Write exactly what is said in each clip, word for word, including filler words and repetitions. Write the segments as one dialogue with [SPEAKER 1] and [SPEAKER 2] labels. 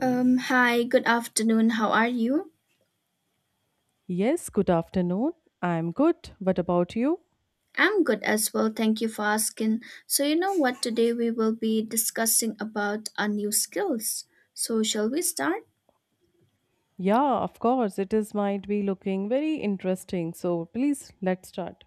[SPEAKER 1] Um, hi, good afternoon. How are you?
[SPEAKER 2] Yes, good afternoon. I'm good. What about you?
[SPEAKER 1] I'm good as well. Thank you for asking. So, you know what? Today we will be discussing about our new skills. So, shall we start?
[SPEAKER 2] Yeah, of course. It is might be looking very interesting. So please let's start.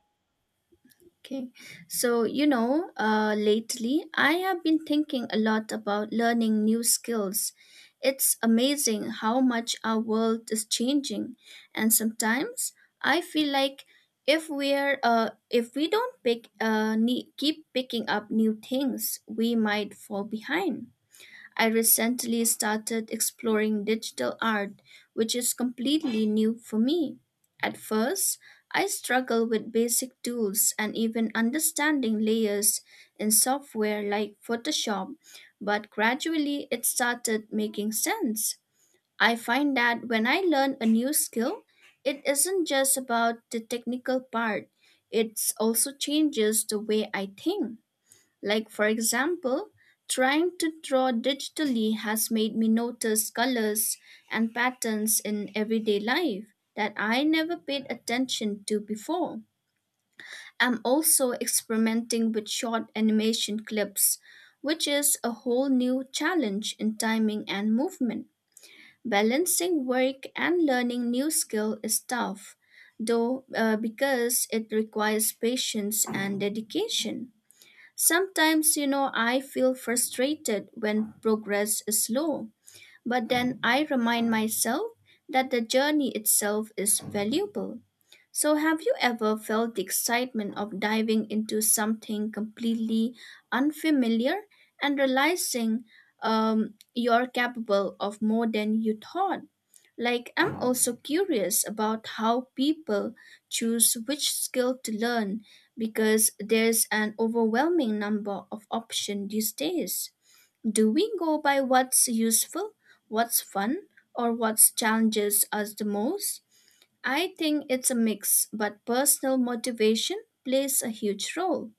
[SPEAKER 1] Okay. So, you know, uh, lately I have been thinking a lot about learning new skills. It's amazing how much our world is changing, and sometimes I feel like if we're uh, if we don't pick uh, ne- keep picking up new things, we might fall behind. I recently started exploring digital art, which is completely new for me. At first, I struggled with basic tools and even understanding layers in software like Photoshop, but gradually it started making sense. I find that when I learn a new skill, it isn't just about the technical part, it also changes the way I think. Like, for example, trying to draw digitally has made me notice colors and patterns in everyday life that I never paid attention to before. I'm also experimenting with short animation clips, which is a whole new challenge in timing and movement. Balancing work and learning new skill is tough, though, uh, because it requires patience and dedication. Sometimes, you know, I feel frustrated when progress is slow, but then I remind myself that the journey itself is valuable. So, have you ever felt the excitement of diving into something completely unfamiliar and realizing um, you're capable of more than you thought? Like, I'm also curious about how people choose which skill to learn because there's an overwhelming number of options these days. Do we go by what's useful, what's fun, or what challenges us the most? I think it's a mix, but personal motivation plays a huge role.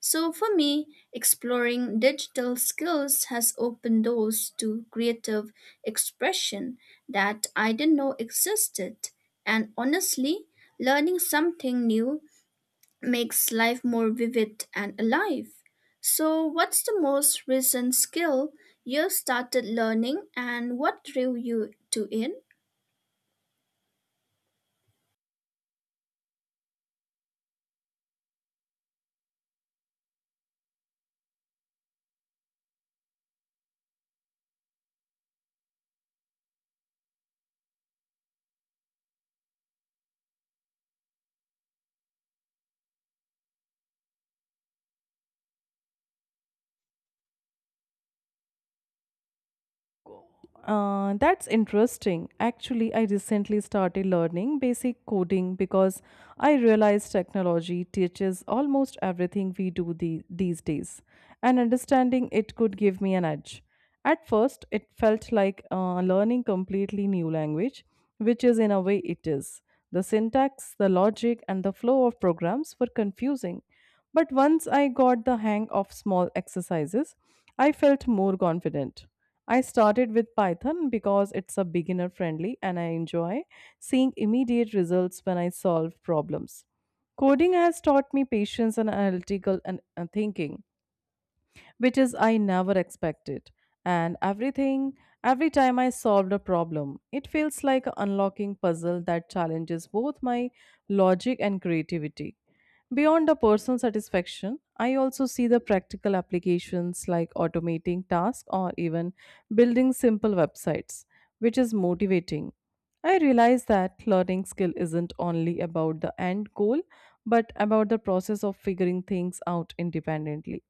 [SPEAKER 1] So for me, exploring digital skills has opened doors to creative expression that I didn't know existed. And honestly, learning something new makes life more vivid and alive. So, what's the most recent skill you started learning and what drew you to it?
[SPEAKER 2] Uh, that's interesting. Actually, I recently started learning basic coding because I realized technology teaches almost everything we do the, these days, and understanding it could give me an edge. At first, it felt like uh, learning completely new language, which is in a way it is. The syntax, the logic, and the flow of programs were confusing, but once I got the hang of small exercises, I felt more confident. I started with Python because it's a beginner friendly and I enjoy seeing immediate results when I solve problems. Coding has taught me patience and analytical and uh, thinking, which is I never expected. And everything, every time I solved a problem, it feels like unlocking puzzle that challenges both my logic and creativity. Beyond the personal satisfaction, I also see the practical applications like automating tasks or even building simple websites, which is motivating. I realize that learning skill isn't only about the end goal, but about the process of figuring things out independently.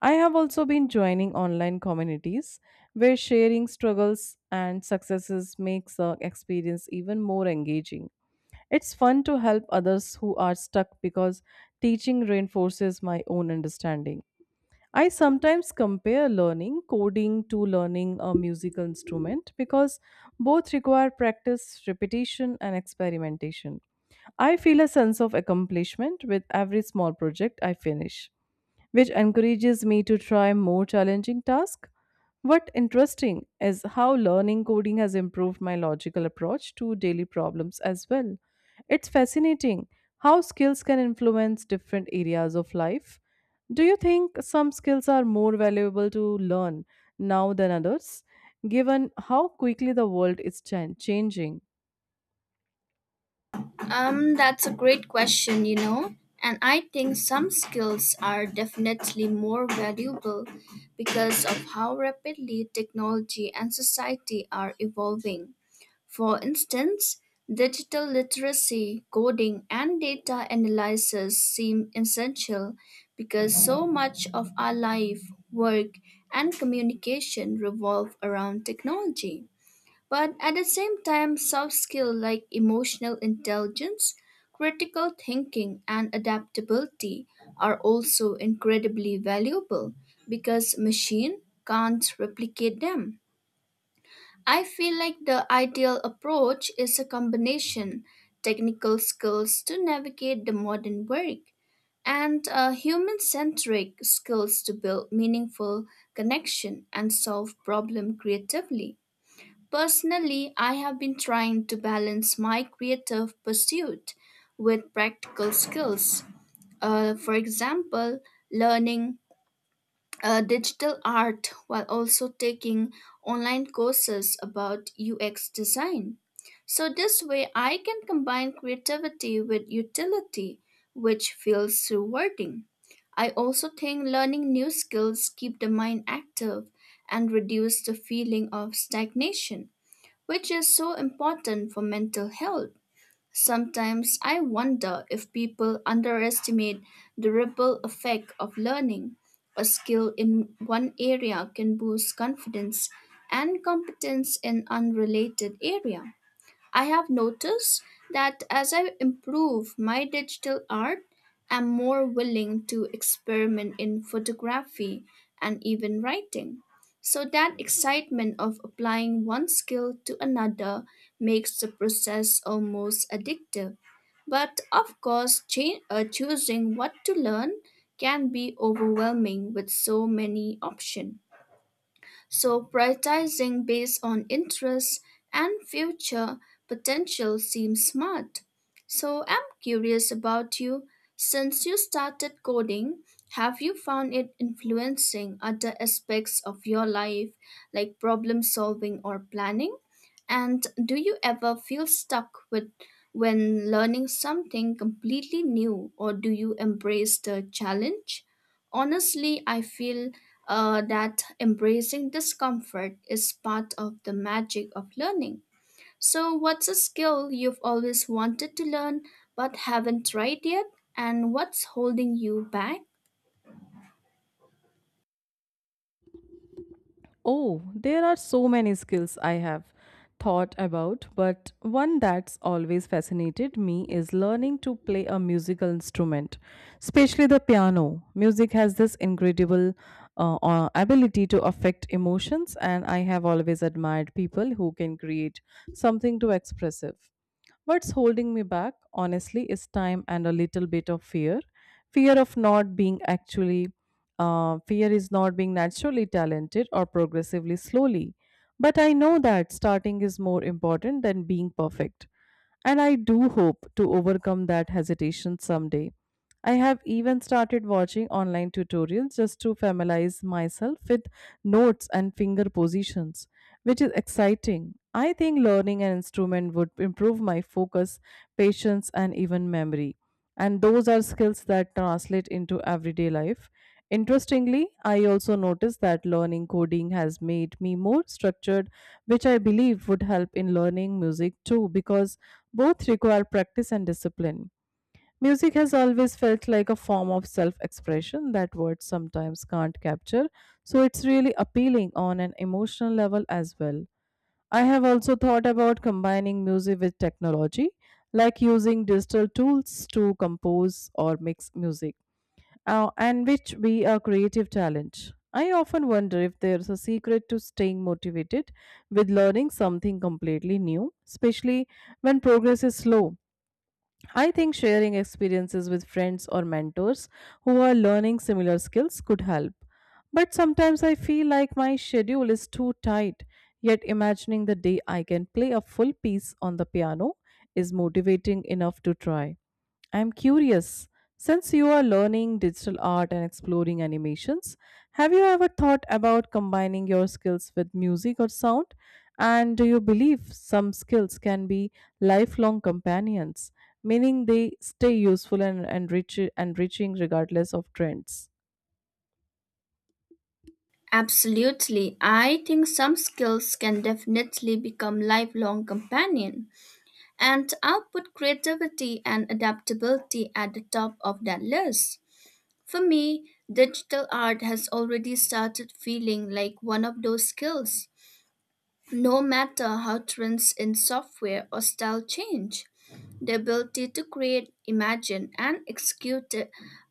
[SPEAKER 2] I have also been joining online communities where sharing struggles and successes makes the experience even more engaging. It's fun to help others who are stuck because teaching reinforces my own understanding. I sometimes compare learning coding to learning a musical instrument because both require practice, repetition, and experimentation. I feel a sense of accomplishment with every small project I finish, which encourages me to try more challenging tasks. What interesting is how learning coding has improved my logical approach to daily problems as well. It's fascinating how skills can influence different areas of life. Do you think some skills are more valuable to learn now than others, given how quickly the world is chan- changing?
[SPEAKER 1] Um, that's a great question, you know. And I think some skills are definitely more valuable because of how rapidly technology and society are evolving. For instance, digital literacy, coding, and data analysis seem essential because so much of our life, work, and communication revolve around technology. But at the same time, soft skills like emotional intelligence, critical thinking, and adaptability are also incredibly valuable because machine can't replicate them. I feel like the ideal approach is a combination technical skills to navigate the modern work and uh, human-centric skills to build meaningful connection and solve problem creatively. Personally, I have been trying to balance my creative pursuit with practical skills. Uh, for example, learning uh, digital art while also taking online courses about U X design. So, this way, I can combine creativity with utility, which feels rewarding. I also think learning new skills keep the mind active and reduce the feeling of stagnation which is so important for mental health. Sometimes I wonder if people underestimate the ripple effect of learning. A skill in one area can boost confidence and competence in unrelated area. I have noticed that as I improve my digital art, I'm more willing to experiment in photography and even writing. So that excitement of applying one skill to another makes the process almost addictive. But of course, cha- uh, choosing what to learn can be overwhelming with so many options so prioritizing based on interests and future potential seems smart. So I'm curious about you. Since you started coding, have you found it influencing other aspects of your life, like problem solving or planning? And do you ever feel stuck with when learning something completely new, or do you embrace the challenge? Honestly, I feel uh, that embracing discomfort is part of the magic of learning. So, what's a skill you've always wanted to learn but haven't tried yet? And what's holding you back?
[SPEAKER 2] Oh, there are so many skills I have thought about, but one that's always fascinated me is learning to play a musical instrument, especially the piano. Music has this incredible uh, uh, ability to affect emotions, and I have always admired people who can create something too expressive. What's holding me back, honestly, is time and a little bit of fear. Fear of not being actually, uh, Fear is not being naturally talented or progressively slowly. But I know that starting is more important than being perfect and I do hope to overcome that hesitation someday. I have even started watching online tutorials just to familiarize myself with notes and finger positions, which is exciting. I think learning an instrument would improve my focus, patience, and even memory, and those are skills that translate into everyday life. Interestingly, I also noticed that learning coding has made me more structured, which I believe would help in learning music too, because both require practice and discipline. Music has always felt like a form of self expression that words sometimes can't capture, so it's really appealing on an emotional level as well. I have also thought about combining music with technology, like using digital tools to compose or mix music, uh, and which be a creative challenge. I often wonder if there's a secret to staying motivated with learning something completely new, especially when progress is slow. I think sharing experiences with friends or mentors who are learning similar skills could help. But sometimes I feel like my schedule is too tight, yet, imagining the day I can play a full piece on the piano is motivating enough to try. I'm curious, since you are learning digital art and exploring animations, have you ever thought about combining your skills with music or sound? And do you believe some skills can be lifelong companions, meaning they stay useful and enrich- enriching regardless of trends?
[SPEAKER 1] Absolutely. I think some skills can definitely become lifelong companion, and I'll put creativity and adaptability at the top of that list. For me, digital art has already started feeling like one of those skills. No matter how trends in software or style change, the ability to create, imagine, and execute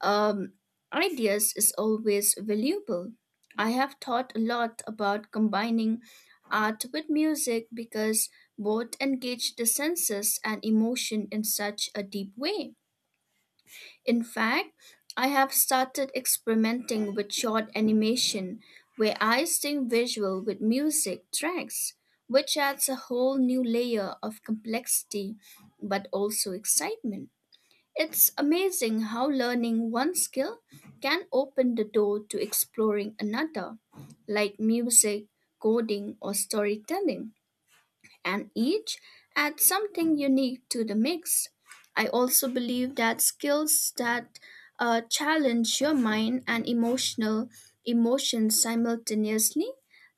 [SPEAKER 1] um, ideas is always valuable. I have thought a lot about combining art with music because both engage the senses and emotion in such a deep way. In fact, I have started experimenting with short animation where I sync visual with music tracks, which adds a whole new layer of complexity but also excitement. It's amazing how learning one skill can open the door to exploring another, like music, coding, or storytelling and each adds something unique to the mix. I also believe that skills that uh, challenge your mind and emotional emotions simultaneously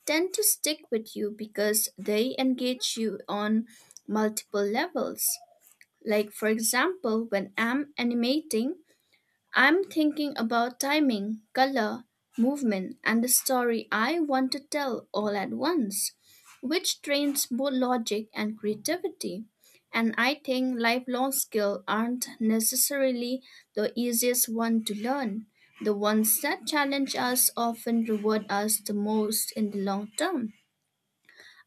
[SPEAKER 1] tend to stick with you because they engage you on multiple levels. Like for example, when I'm animating, I'm thinking about timing, color, movement, and the story I want to tell all at once, which trains both logic and creativity. And I think lifelong skills aren't necessarily the easiest one to learn. The ones that challenge us often reward us the most in the long term.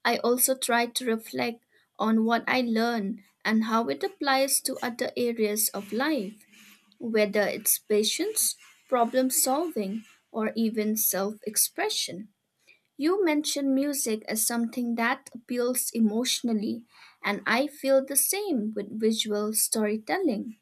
[SPEAKER 1] I also try to reflect on what I learn and how it applies to other areas of life whether it's patience, problem solving, or even self expression. You mentioned music as something that appeals emotionally, and I feel the same with visual storytelling.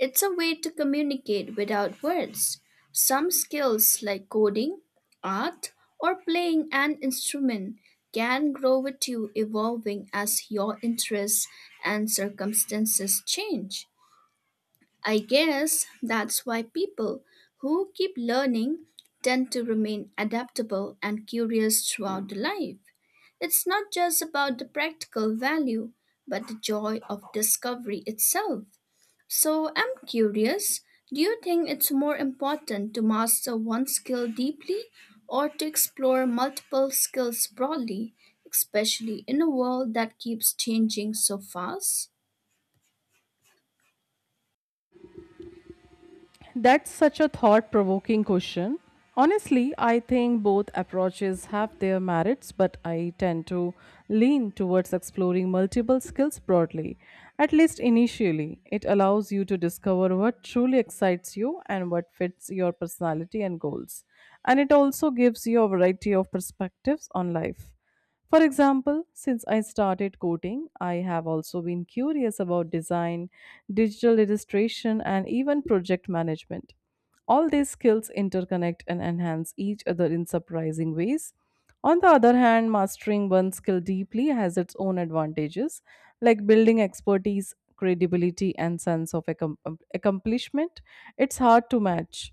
[SPEAKER 1] It's a way to communicate without words. Some skills like coding, art, or playing an instrument can grow with you, evolving as your interests and circumstances change. I guess that's why people who keep learning tend to remain adaptable and curious throughout the life. It's not just about the practical value, but the joy of discovery itself. So I'm curious, do you think it's more important to master one skill deeply or to explore multiple skills broadly, especially in a world that keeps changing so fast?
[SPEAKER 2] That's such a thought provoking question. Honestly, I think both approaches have their merits, but I tend to lean towards exploring multiple skills broadly, at least initially. It allows you to discover what truly excites you and what fits your personality and goals. And it also gives you a variety of perspectives on life. For example, since I started coding, I have also been curious about design, digital illustration, and even project management. All these skills interconnect and enhance each other in surprising ways. On the other hand, mastering one skill deeply has its own advantages, like building expertise, credibility, and sense of accom- um, accomplishment. It's hard to match.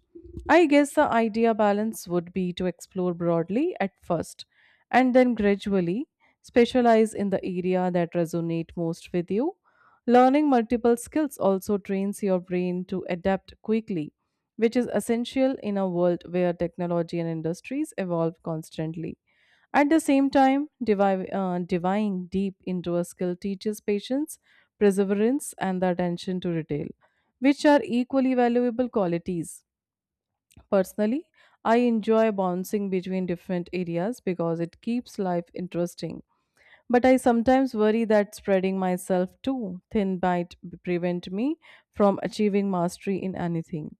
[SPEAKER 2] I guess the idea balance would be to explore broadly at first and then gradually specialize in the area that resonate most with you. Learning multiple skills also trains your brain to adapt quickly, which is essential in a world where technology and industries evolve constantly. At the same time, divi- uh, diving deep into a skill teaches patience, perseverance, and the attention to detail, which are equally valuable qualities. Personally, I enjoy bouncing between different areas because it keeps life interesting. But I sometimes worry that spreading myself too thin might b- prevent me from achieving mastery in anything.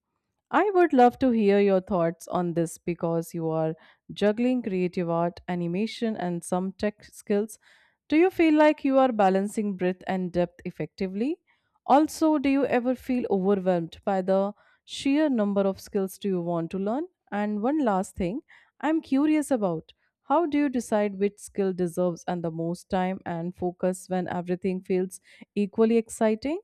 [SPEAKER 2] I would love to hear your thoughts on this because you are juggling creative art, animation, and some tech skills. Do you feel like you are balancing breadth and depth effectively? Also, do you ever feel overwhelmed by the sheer number of skills do you want to learn? And one last thing I'm curious about. How do you decide which skill deserves and the most time and focus when everything feels equally exciting?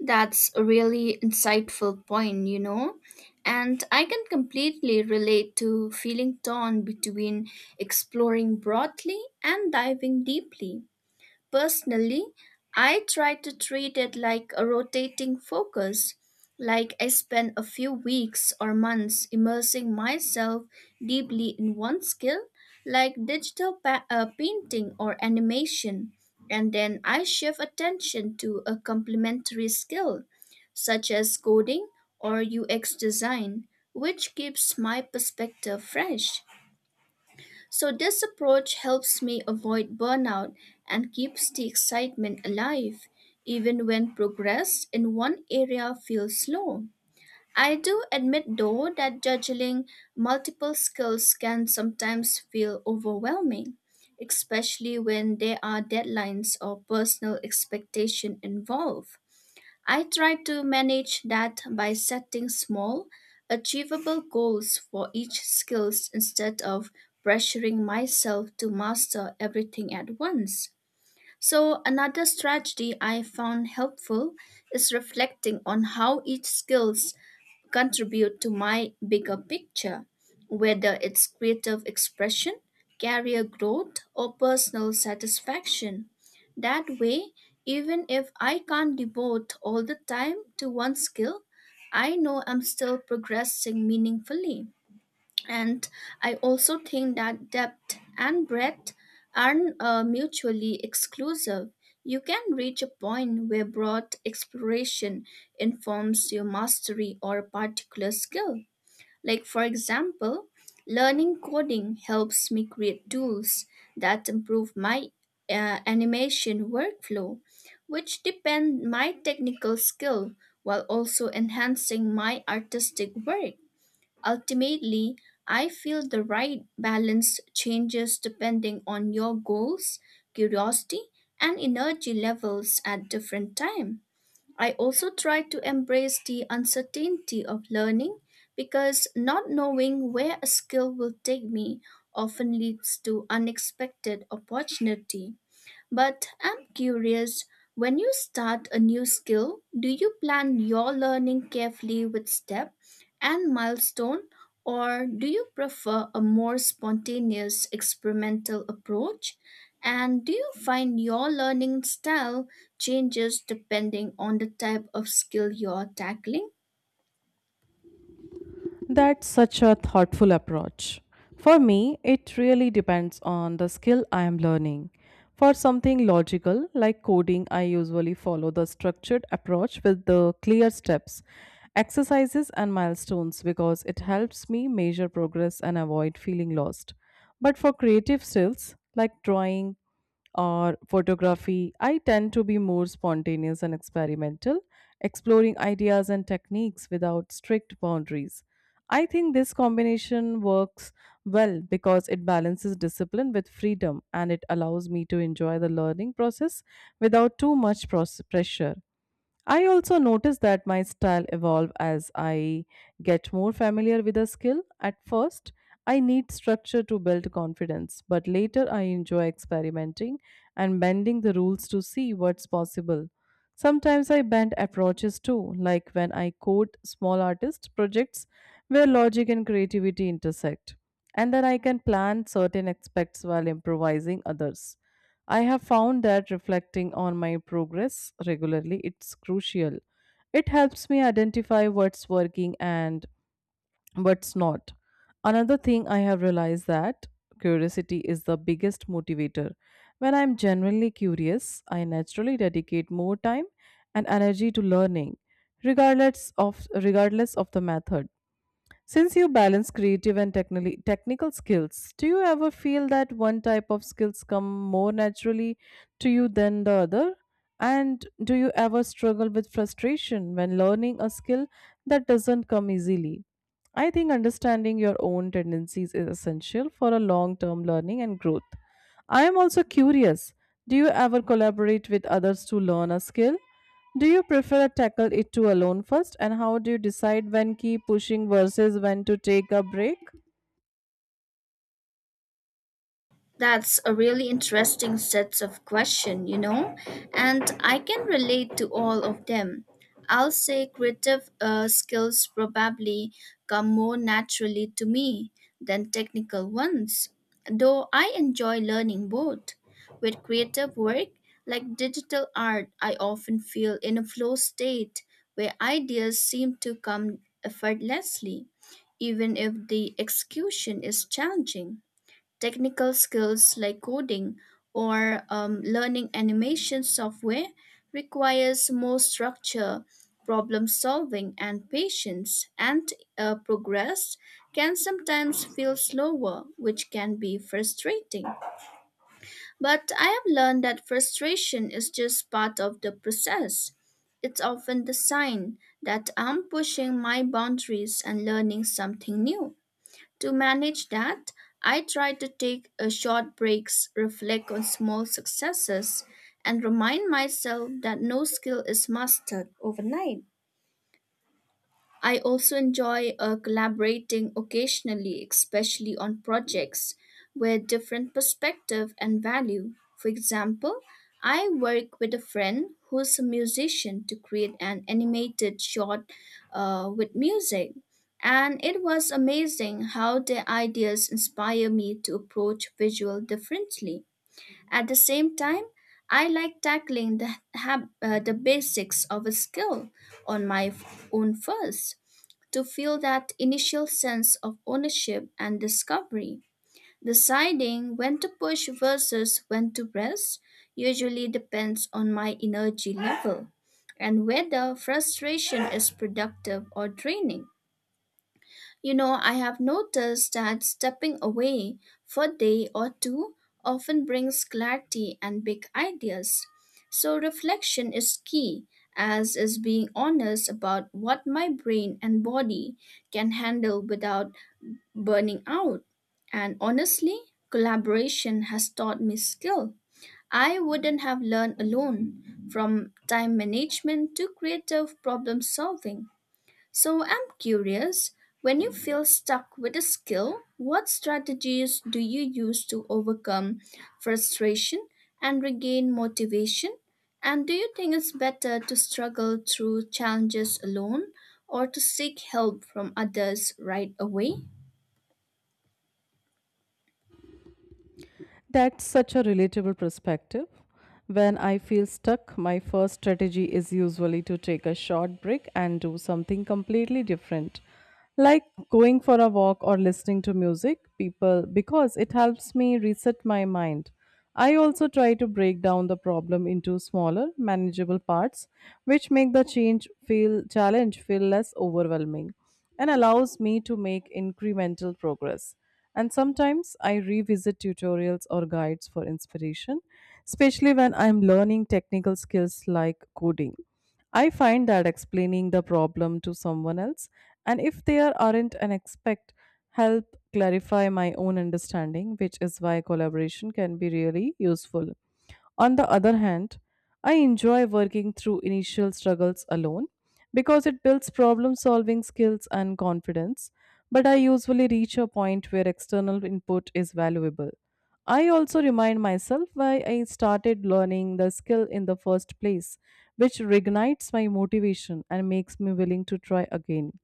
[SPEAKER 1] That's a really insightful point, you know. And I can completely relate to feeling torn between exploring broadly and diving deeply. Personally, I try to treat it like a rotating focus, like I spend a few weeks or months immersing myself deeply in one skill, like digital pa- uh, painting or animation, and then I shift attention to a complementary skill, such as coding or U X design, which keeps my perspective fresh. So, this approach helps me avoid burnout and keeps the excitement alive, even when progress in one area feels slow. I do admit, though, that juggling multiple skills can sometimes feel overwhelming, especially when there are deadlines or personal expectation involved. I try to manage that by setting small, achievable goals for each skills instead of pressuring myself to master everything at once. So, another strategy I found helpful is reflecting on how each skills contribute to my bigger picture, whether it's creative expression, career growth, or personal satisfaction. That way, even if I can't devote all the time to one skill, I know I'm still progressing meaningfully. And I also think that depth and breadth aren't uh, mutually exclusive. You can reach a point where broad exploration informs your mastery or a particular skill. Like, for example, learning coding helps me create tools that improve my uh, animation workflow, which depend my technical skill while also enhancing my artistic work. Ultimately, I feel the right balance changes depending on your goals, curiosity, and energy levels at different time. I also try to embrace the uncertainty of learning because not knowing where a skill will take me often leads to unexpected opportunity. But I'm curious, when you start a new skill, do you plan your learning carefully with step and milestone, or do you prefer a more spontaneous experimental approach? And do you find your learning style changes depending on the type of skill you're tackling?
[SPEAKER 2] That's such a thoughtful approach. For me, it really depends on the skill I am learning. For something logical like coding, I usually follow the structured approach with the clear steps, exercises, and milestones because it helps me measure progress and avoid feeling lost. But for creative skills like drawing, or photography, I tend to be more spontaneous and experimental, exploring ideas and techniques without strict boundaries. I think this combination works well because it balances discipline with freedom and it allows me to enjoy the learning process without too much pros- pressure. I also notice that my style evolve as I get more familiar with a skill. At first, I need structure to build confidence, but later I enjoy experimenting and bending the rules to see what's possible. Sometimes I bend approaches too, like when I code small artist projects where logic and creativity intersect. And then I can plan certain aspects while improvising others. I have found that reflecting on my progress regularly it's crucial. It helps me identify what's working and what's not. Another thing I have realized that curiosity is the biggest motivator. When I'm genuinely curious, I naturally dedicate more time and energy to learning regardless of regardless of the method. Since you balance creative and technically technical skills, do you ever feel that one type of skills come more naturally to you than the other? And do you ever struggle with frustration when learning a skill that doesn't come easily? I think understanding your own tendencies is essential for a long term learning and growth. I am also curious, do you ever collaborate with others to learn a skill? Do you prefer tackle it to alone first and how do you decide when keep pushing versus when to take a break?
[SPEAKER 1] That's a really interesting sets of question, you know, and I can relate to all of them. I'll say creative uh, skills probably come more naturally to me than technical ones, though I enjoy learning both. With creative work, like digital art, I often feel in a flow state where ideas seem to come effortlessly, even if the execution is challenging. Technical skills like coding or um, learning animation software requires more structure, problem solving, and patience, and uh, progress can sometimes feel slower, which can be frustrating. But I have learned that frustration is just part of the process. It's often the sign that I'm pushing my boundaries and learning something new. To manage that, I try to take a short breaks, reflect on small successes, and remind myself that no skill is mastered overnight. I also enjoy uh, collaborating occasionally, especially on projects with different perspective and value. For example, I work with a friend who's a musician to create an animated short uh, with music. And it was amazing how their ideas inspire me to approach visual differently. At the same time, I like tackling the, hab- uh, the basics of a skill on my f- own first to feel that initial sense of ownership and discovery. Deciding when to push versus when to rest usually depends on my energy level and whether frustration is productive or draining. You know, I have noticed that stepping away for a day or two often brings clarity and big ideas. So, reflection is key, as is being honest about what my brain and body can handle without burning out. And honestly, collaboration has taught me skill. I wouldn't have learned alone, from time management to creative problem solving. So I'm curious, when you feel stuck with a skill, what strategies do you use to overcome frustration and regain motivation? And do you think it's better to struggle through challenges alone or to seek help from others right away?
[SPEAKER 2] That's such a relatable perspective. When I feel stuck, my first strategy is usually to take a short break and do something completely different, like going for a walk or listening to music, people, because it helps me reset my mind. I also try to break down the problem into smaller, manageable parts, which make the change feel challenge feel less overwhelming and allows me to make incremental progress. And sometimes I revisit tutorials or guides for inspiration, especially when I'm learning technical skills like coding. I find that explaining the problem to someone else, and if there aren't an expect, help clarify my own understanding, which is why collaboration can be really useful. On the other hand, I enjoy working through initial struggles alone because it builds problem solving skills and confidence, but I usually reach a point where external input is valuable. I also remind myself why I started learning the skill in the first place, which reignites my motivation and makes me willing to try again.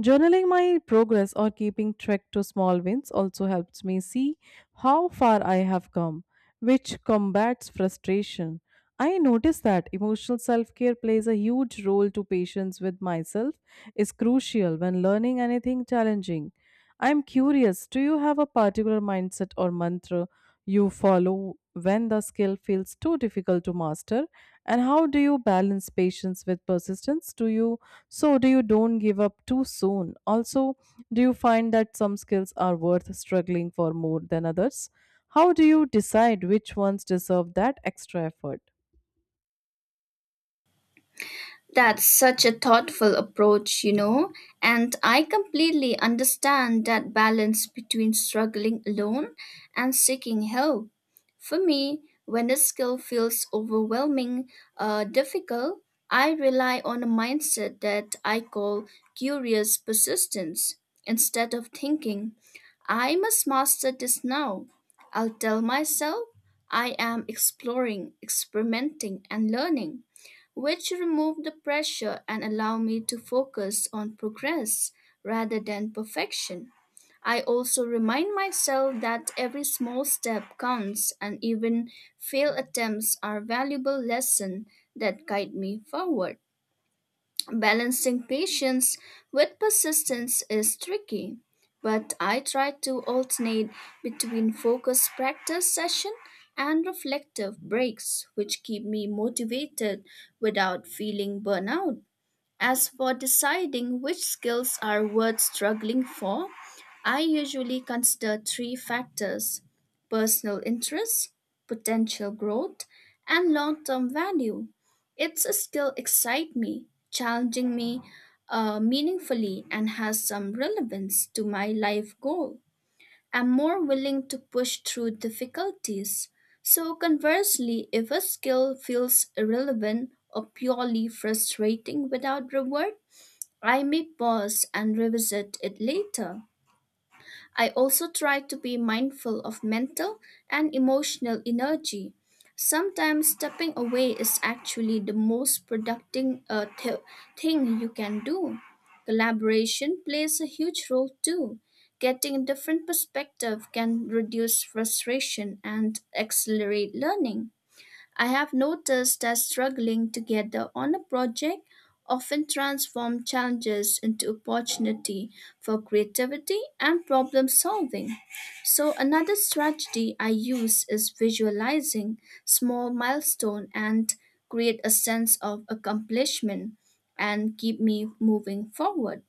[SPEAKER 2] Journaling my progress or keeping track to small wins also helps me see how far I have come, which combats frustration. I notice that emotional self-care plays a huge role to patience with myself is crucial when learning anything challenging. I'm curious, do you have a particular mindset or mantra you follow when the skill feels too difficult to master? And how do you balance patience with persistence? Do you so, do you don't give up too soon? Also, do you find that some skills are worth struggling for more than others? How do you decide which ones deserve that extra effort?
[SPEAKER 1] That's such a thoughtful approach, you know, and I completely understand that balance between struggling alone and seeking help. For me, when a skill feels overwhelming, uh, difficult, I rely on a mindset that I call curious persistence. Instead of thinking, I must master this now, I'll tell myself I am exploring, experimenting, and learning which removed the pressure and allowed me to focus on progress rather than perfection. I also remind myself that every small step counts and even failed attempts are valuable lessons that guide me forward. Balancing patience with persistence is tricky, but I try to alternate between focused practice session and reflective breaks, which keep me motivated without feeling burnout. As for deciding which skills are worth struggling for, I usually consider three factors personal interest, potential growth, and long term value. It's a skill excite me, challenging me uh, meaningfully, and has some relevance to my life goal am more willing to push through difficulties. So, conversely, if a skill feels irrelevant or purely frustrating without reward, I may pause and revisit it later. I also try to be mindful of mental and emotional energy. Sometimes stepping away is actually the most productive uh, th- thing you can do. Collaboration plays a huge role too. Getting a different perspective can reduce frustration and accelerate learning. I have noticed that struggling together on a project often transforms challenges into opportunity for creativity and problem solving. So another strategy I use is visualizing small milestone and create a sense of accomplishment and keep me moving forward.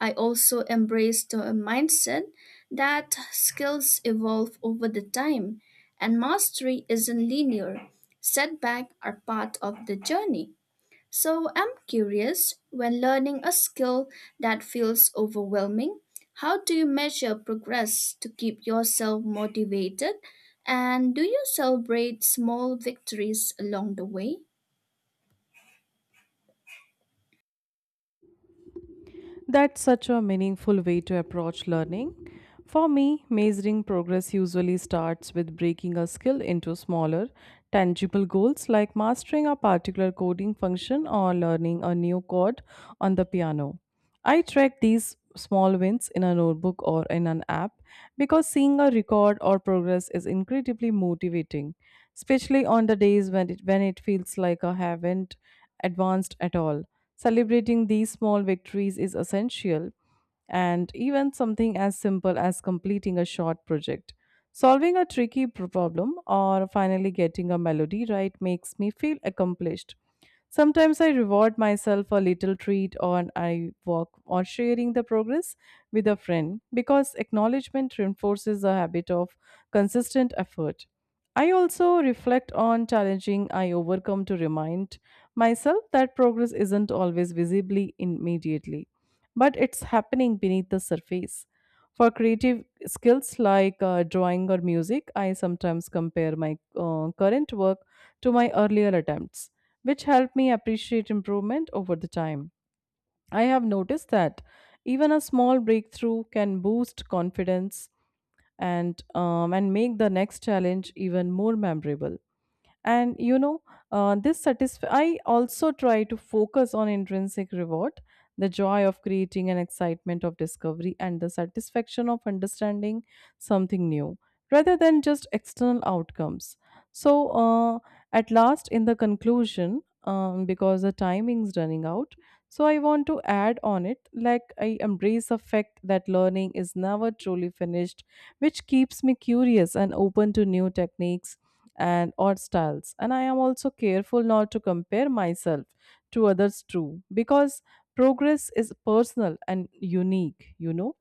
[SPEAKER 1] I also embrace the mindset that skills evolve over the time and mastery isn't linear. Setbacks are part of the journey. So I'm curious when learning a skill that feels overwhelming, how do you measure progress to keep yourself motivated? And do you celebrate small victories along the way?
[SPEAKER 2] That's such a meaningful way to approach learning. For me, measuring progress usually starts with breaking a skill into smaller, tangible goals like mastering a particular coding function or learning a new chord on the piano. I track these small wins in a notebook or in an app because seeing a record or progress is incredibly motivating, especially on the days when it, when it feels like I haven't advanced at all. Celebrating these small victories is essential, and even something as simple as completing a short project, solving a tricky pro- problem, or finally getting a melody right makes me feel accomplished. Sometimes I reward myself a little treat or I walk or sharing the progress with a friend because acknowledgement reinforces a habit of consistent effort. I also reflect on challenging I overcome to remind myself that progress isn't always visibly immediately, but it's happening beneath the surface. For creative skills like uh, drawing or music, I sometimes compare my uh, current work to my earlier attempts, which help me appreciate improvement over the time. I have noticed that even a small breakthrough can boost confidence and um, and make the next challenge even more memorable. And you know uh, this satisf- i also try to focus on intrinsic reward, the joy of creating and excitement of discovery and the satisfaction of understanding something new rather than just external outcomes. so uh, at last, in the conclusion, um, because the timing is running out, so I want to add on it, like I embrace the fact that learning is never truly finished, which keeps me curious and open to new techniques and or styles, and I am also careful not to compare myself to others too because progress is personal and unique, you know.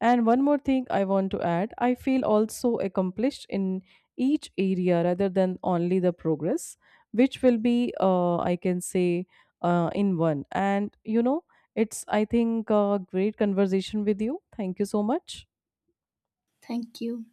[SPEAKER 2] And one more thing I want to add, I feel also accomplished in each area rather than only the progress, which will be uh, I can say, uh, in one. And you know, it's I think a great conversation with you. Thank you so much.
[SPEAKER 1] Thank you.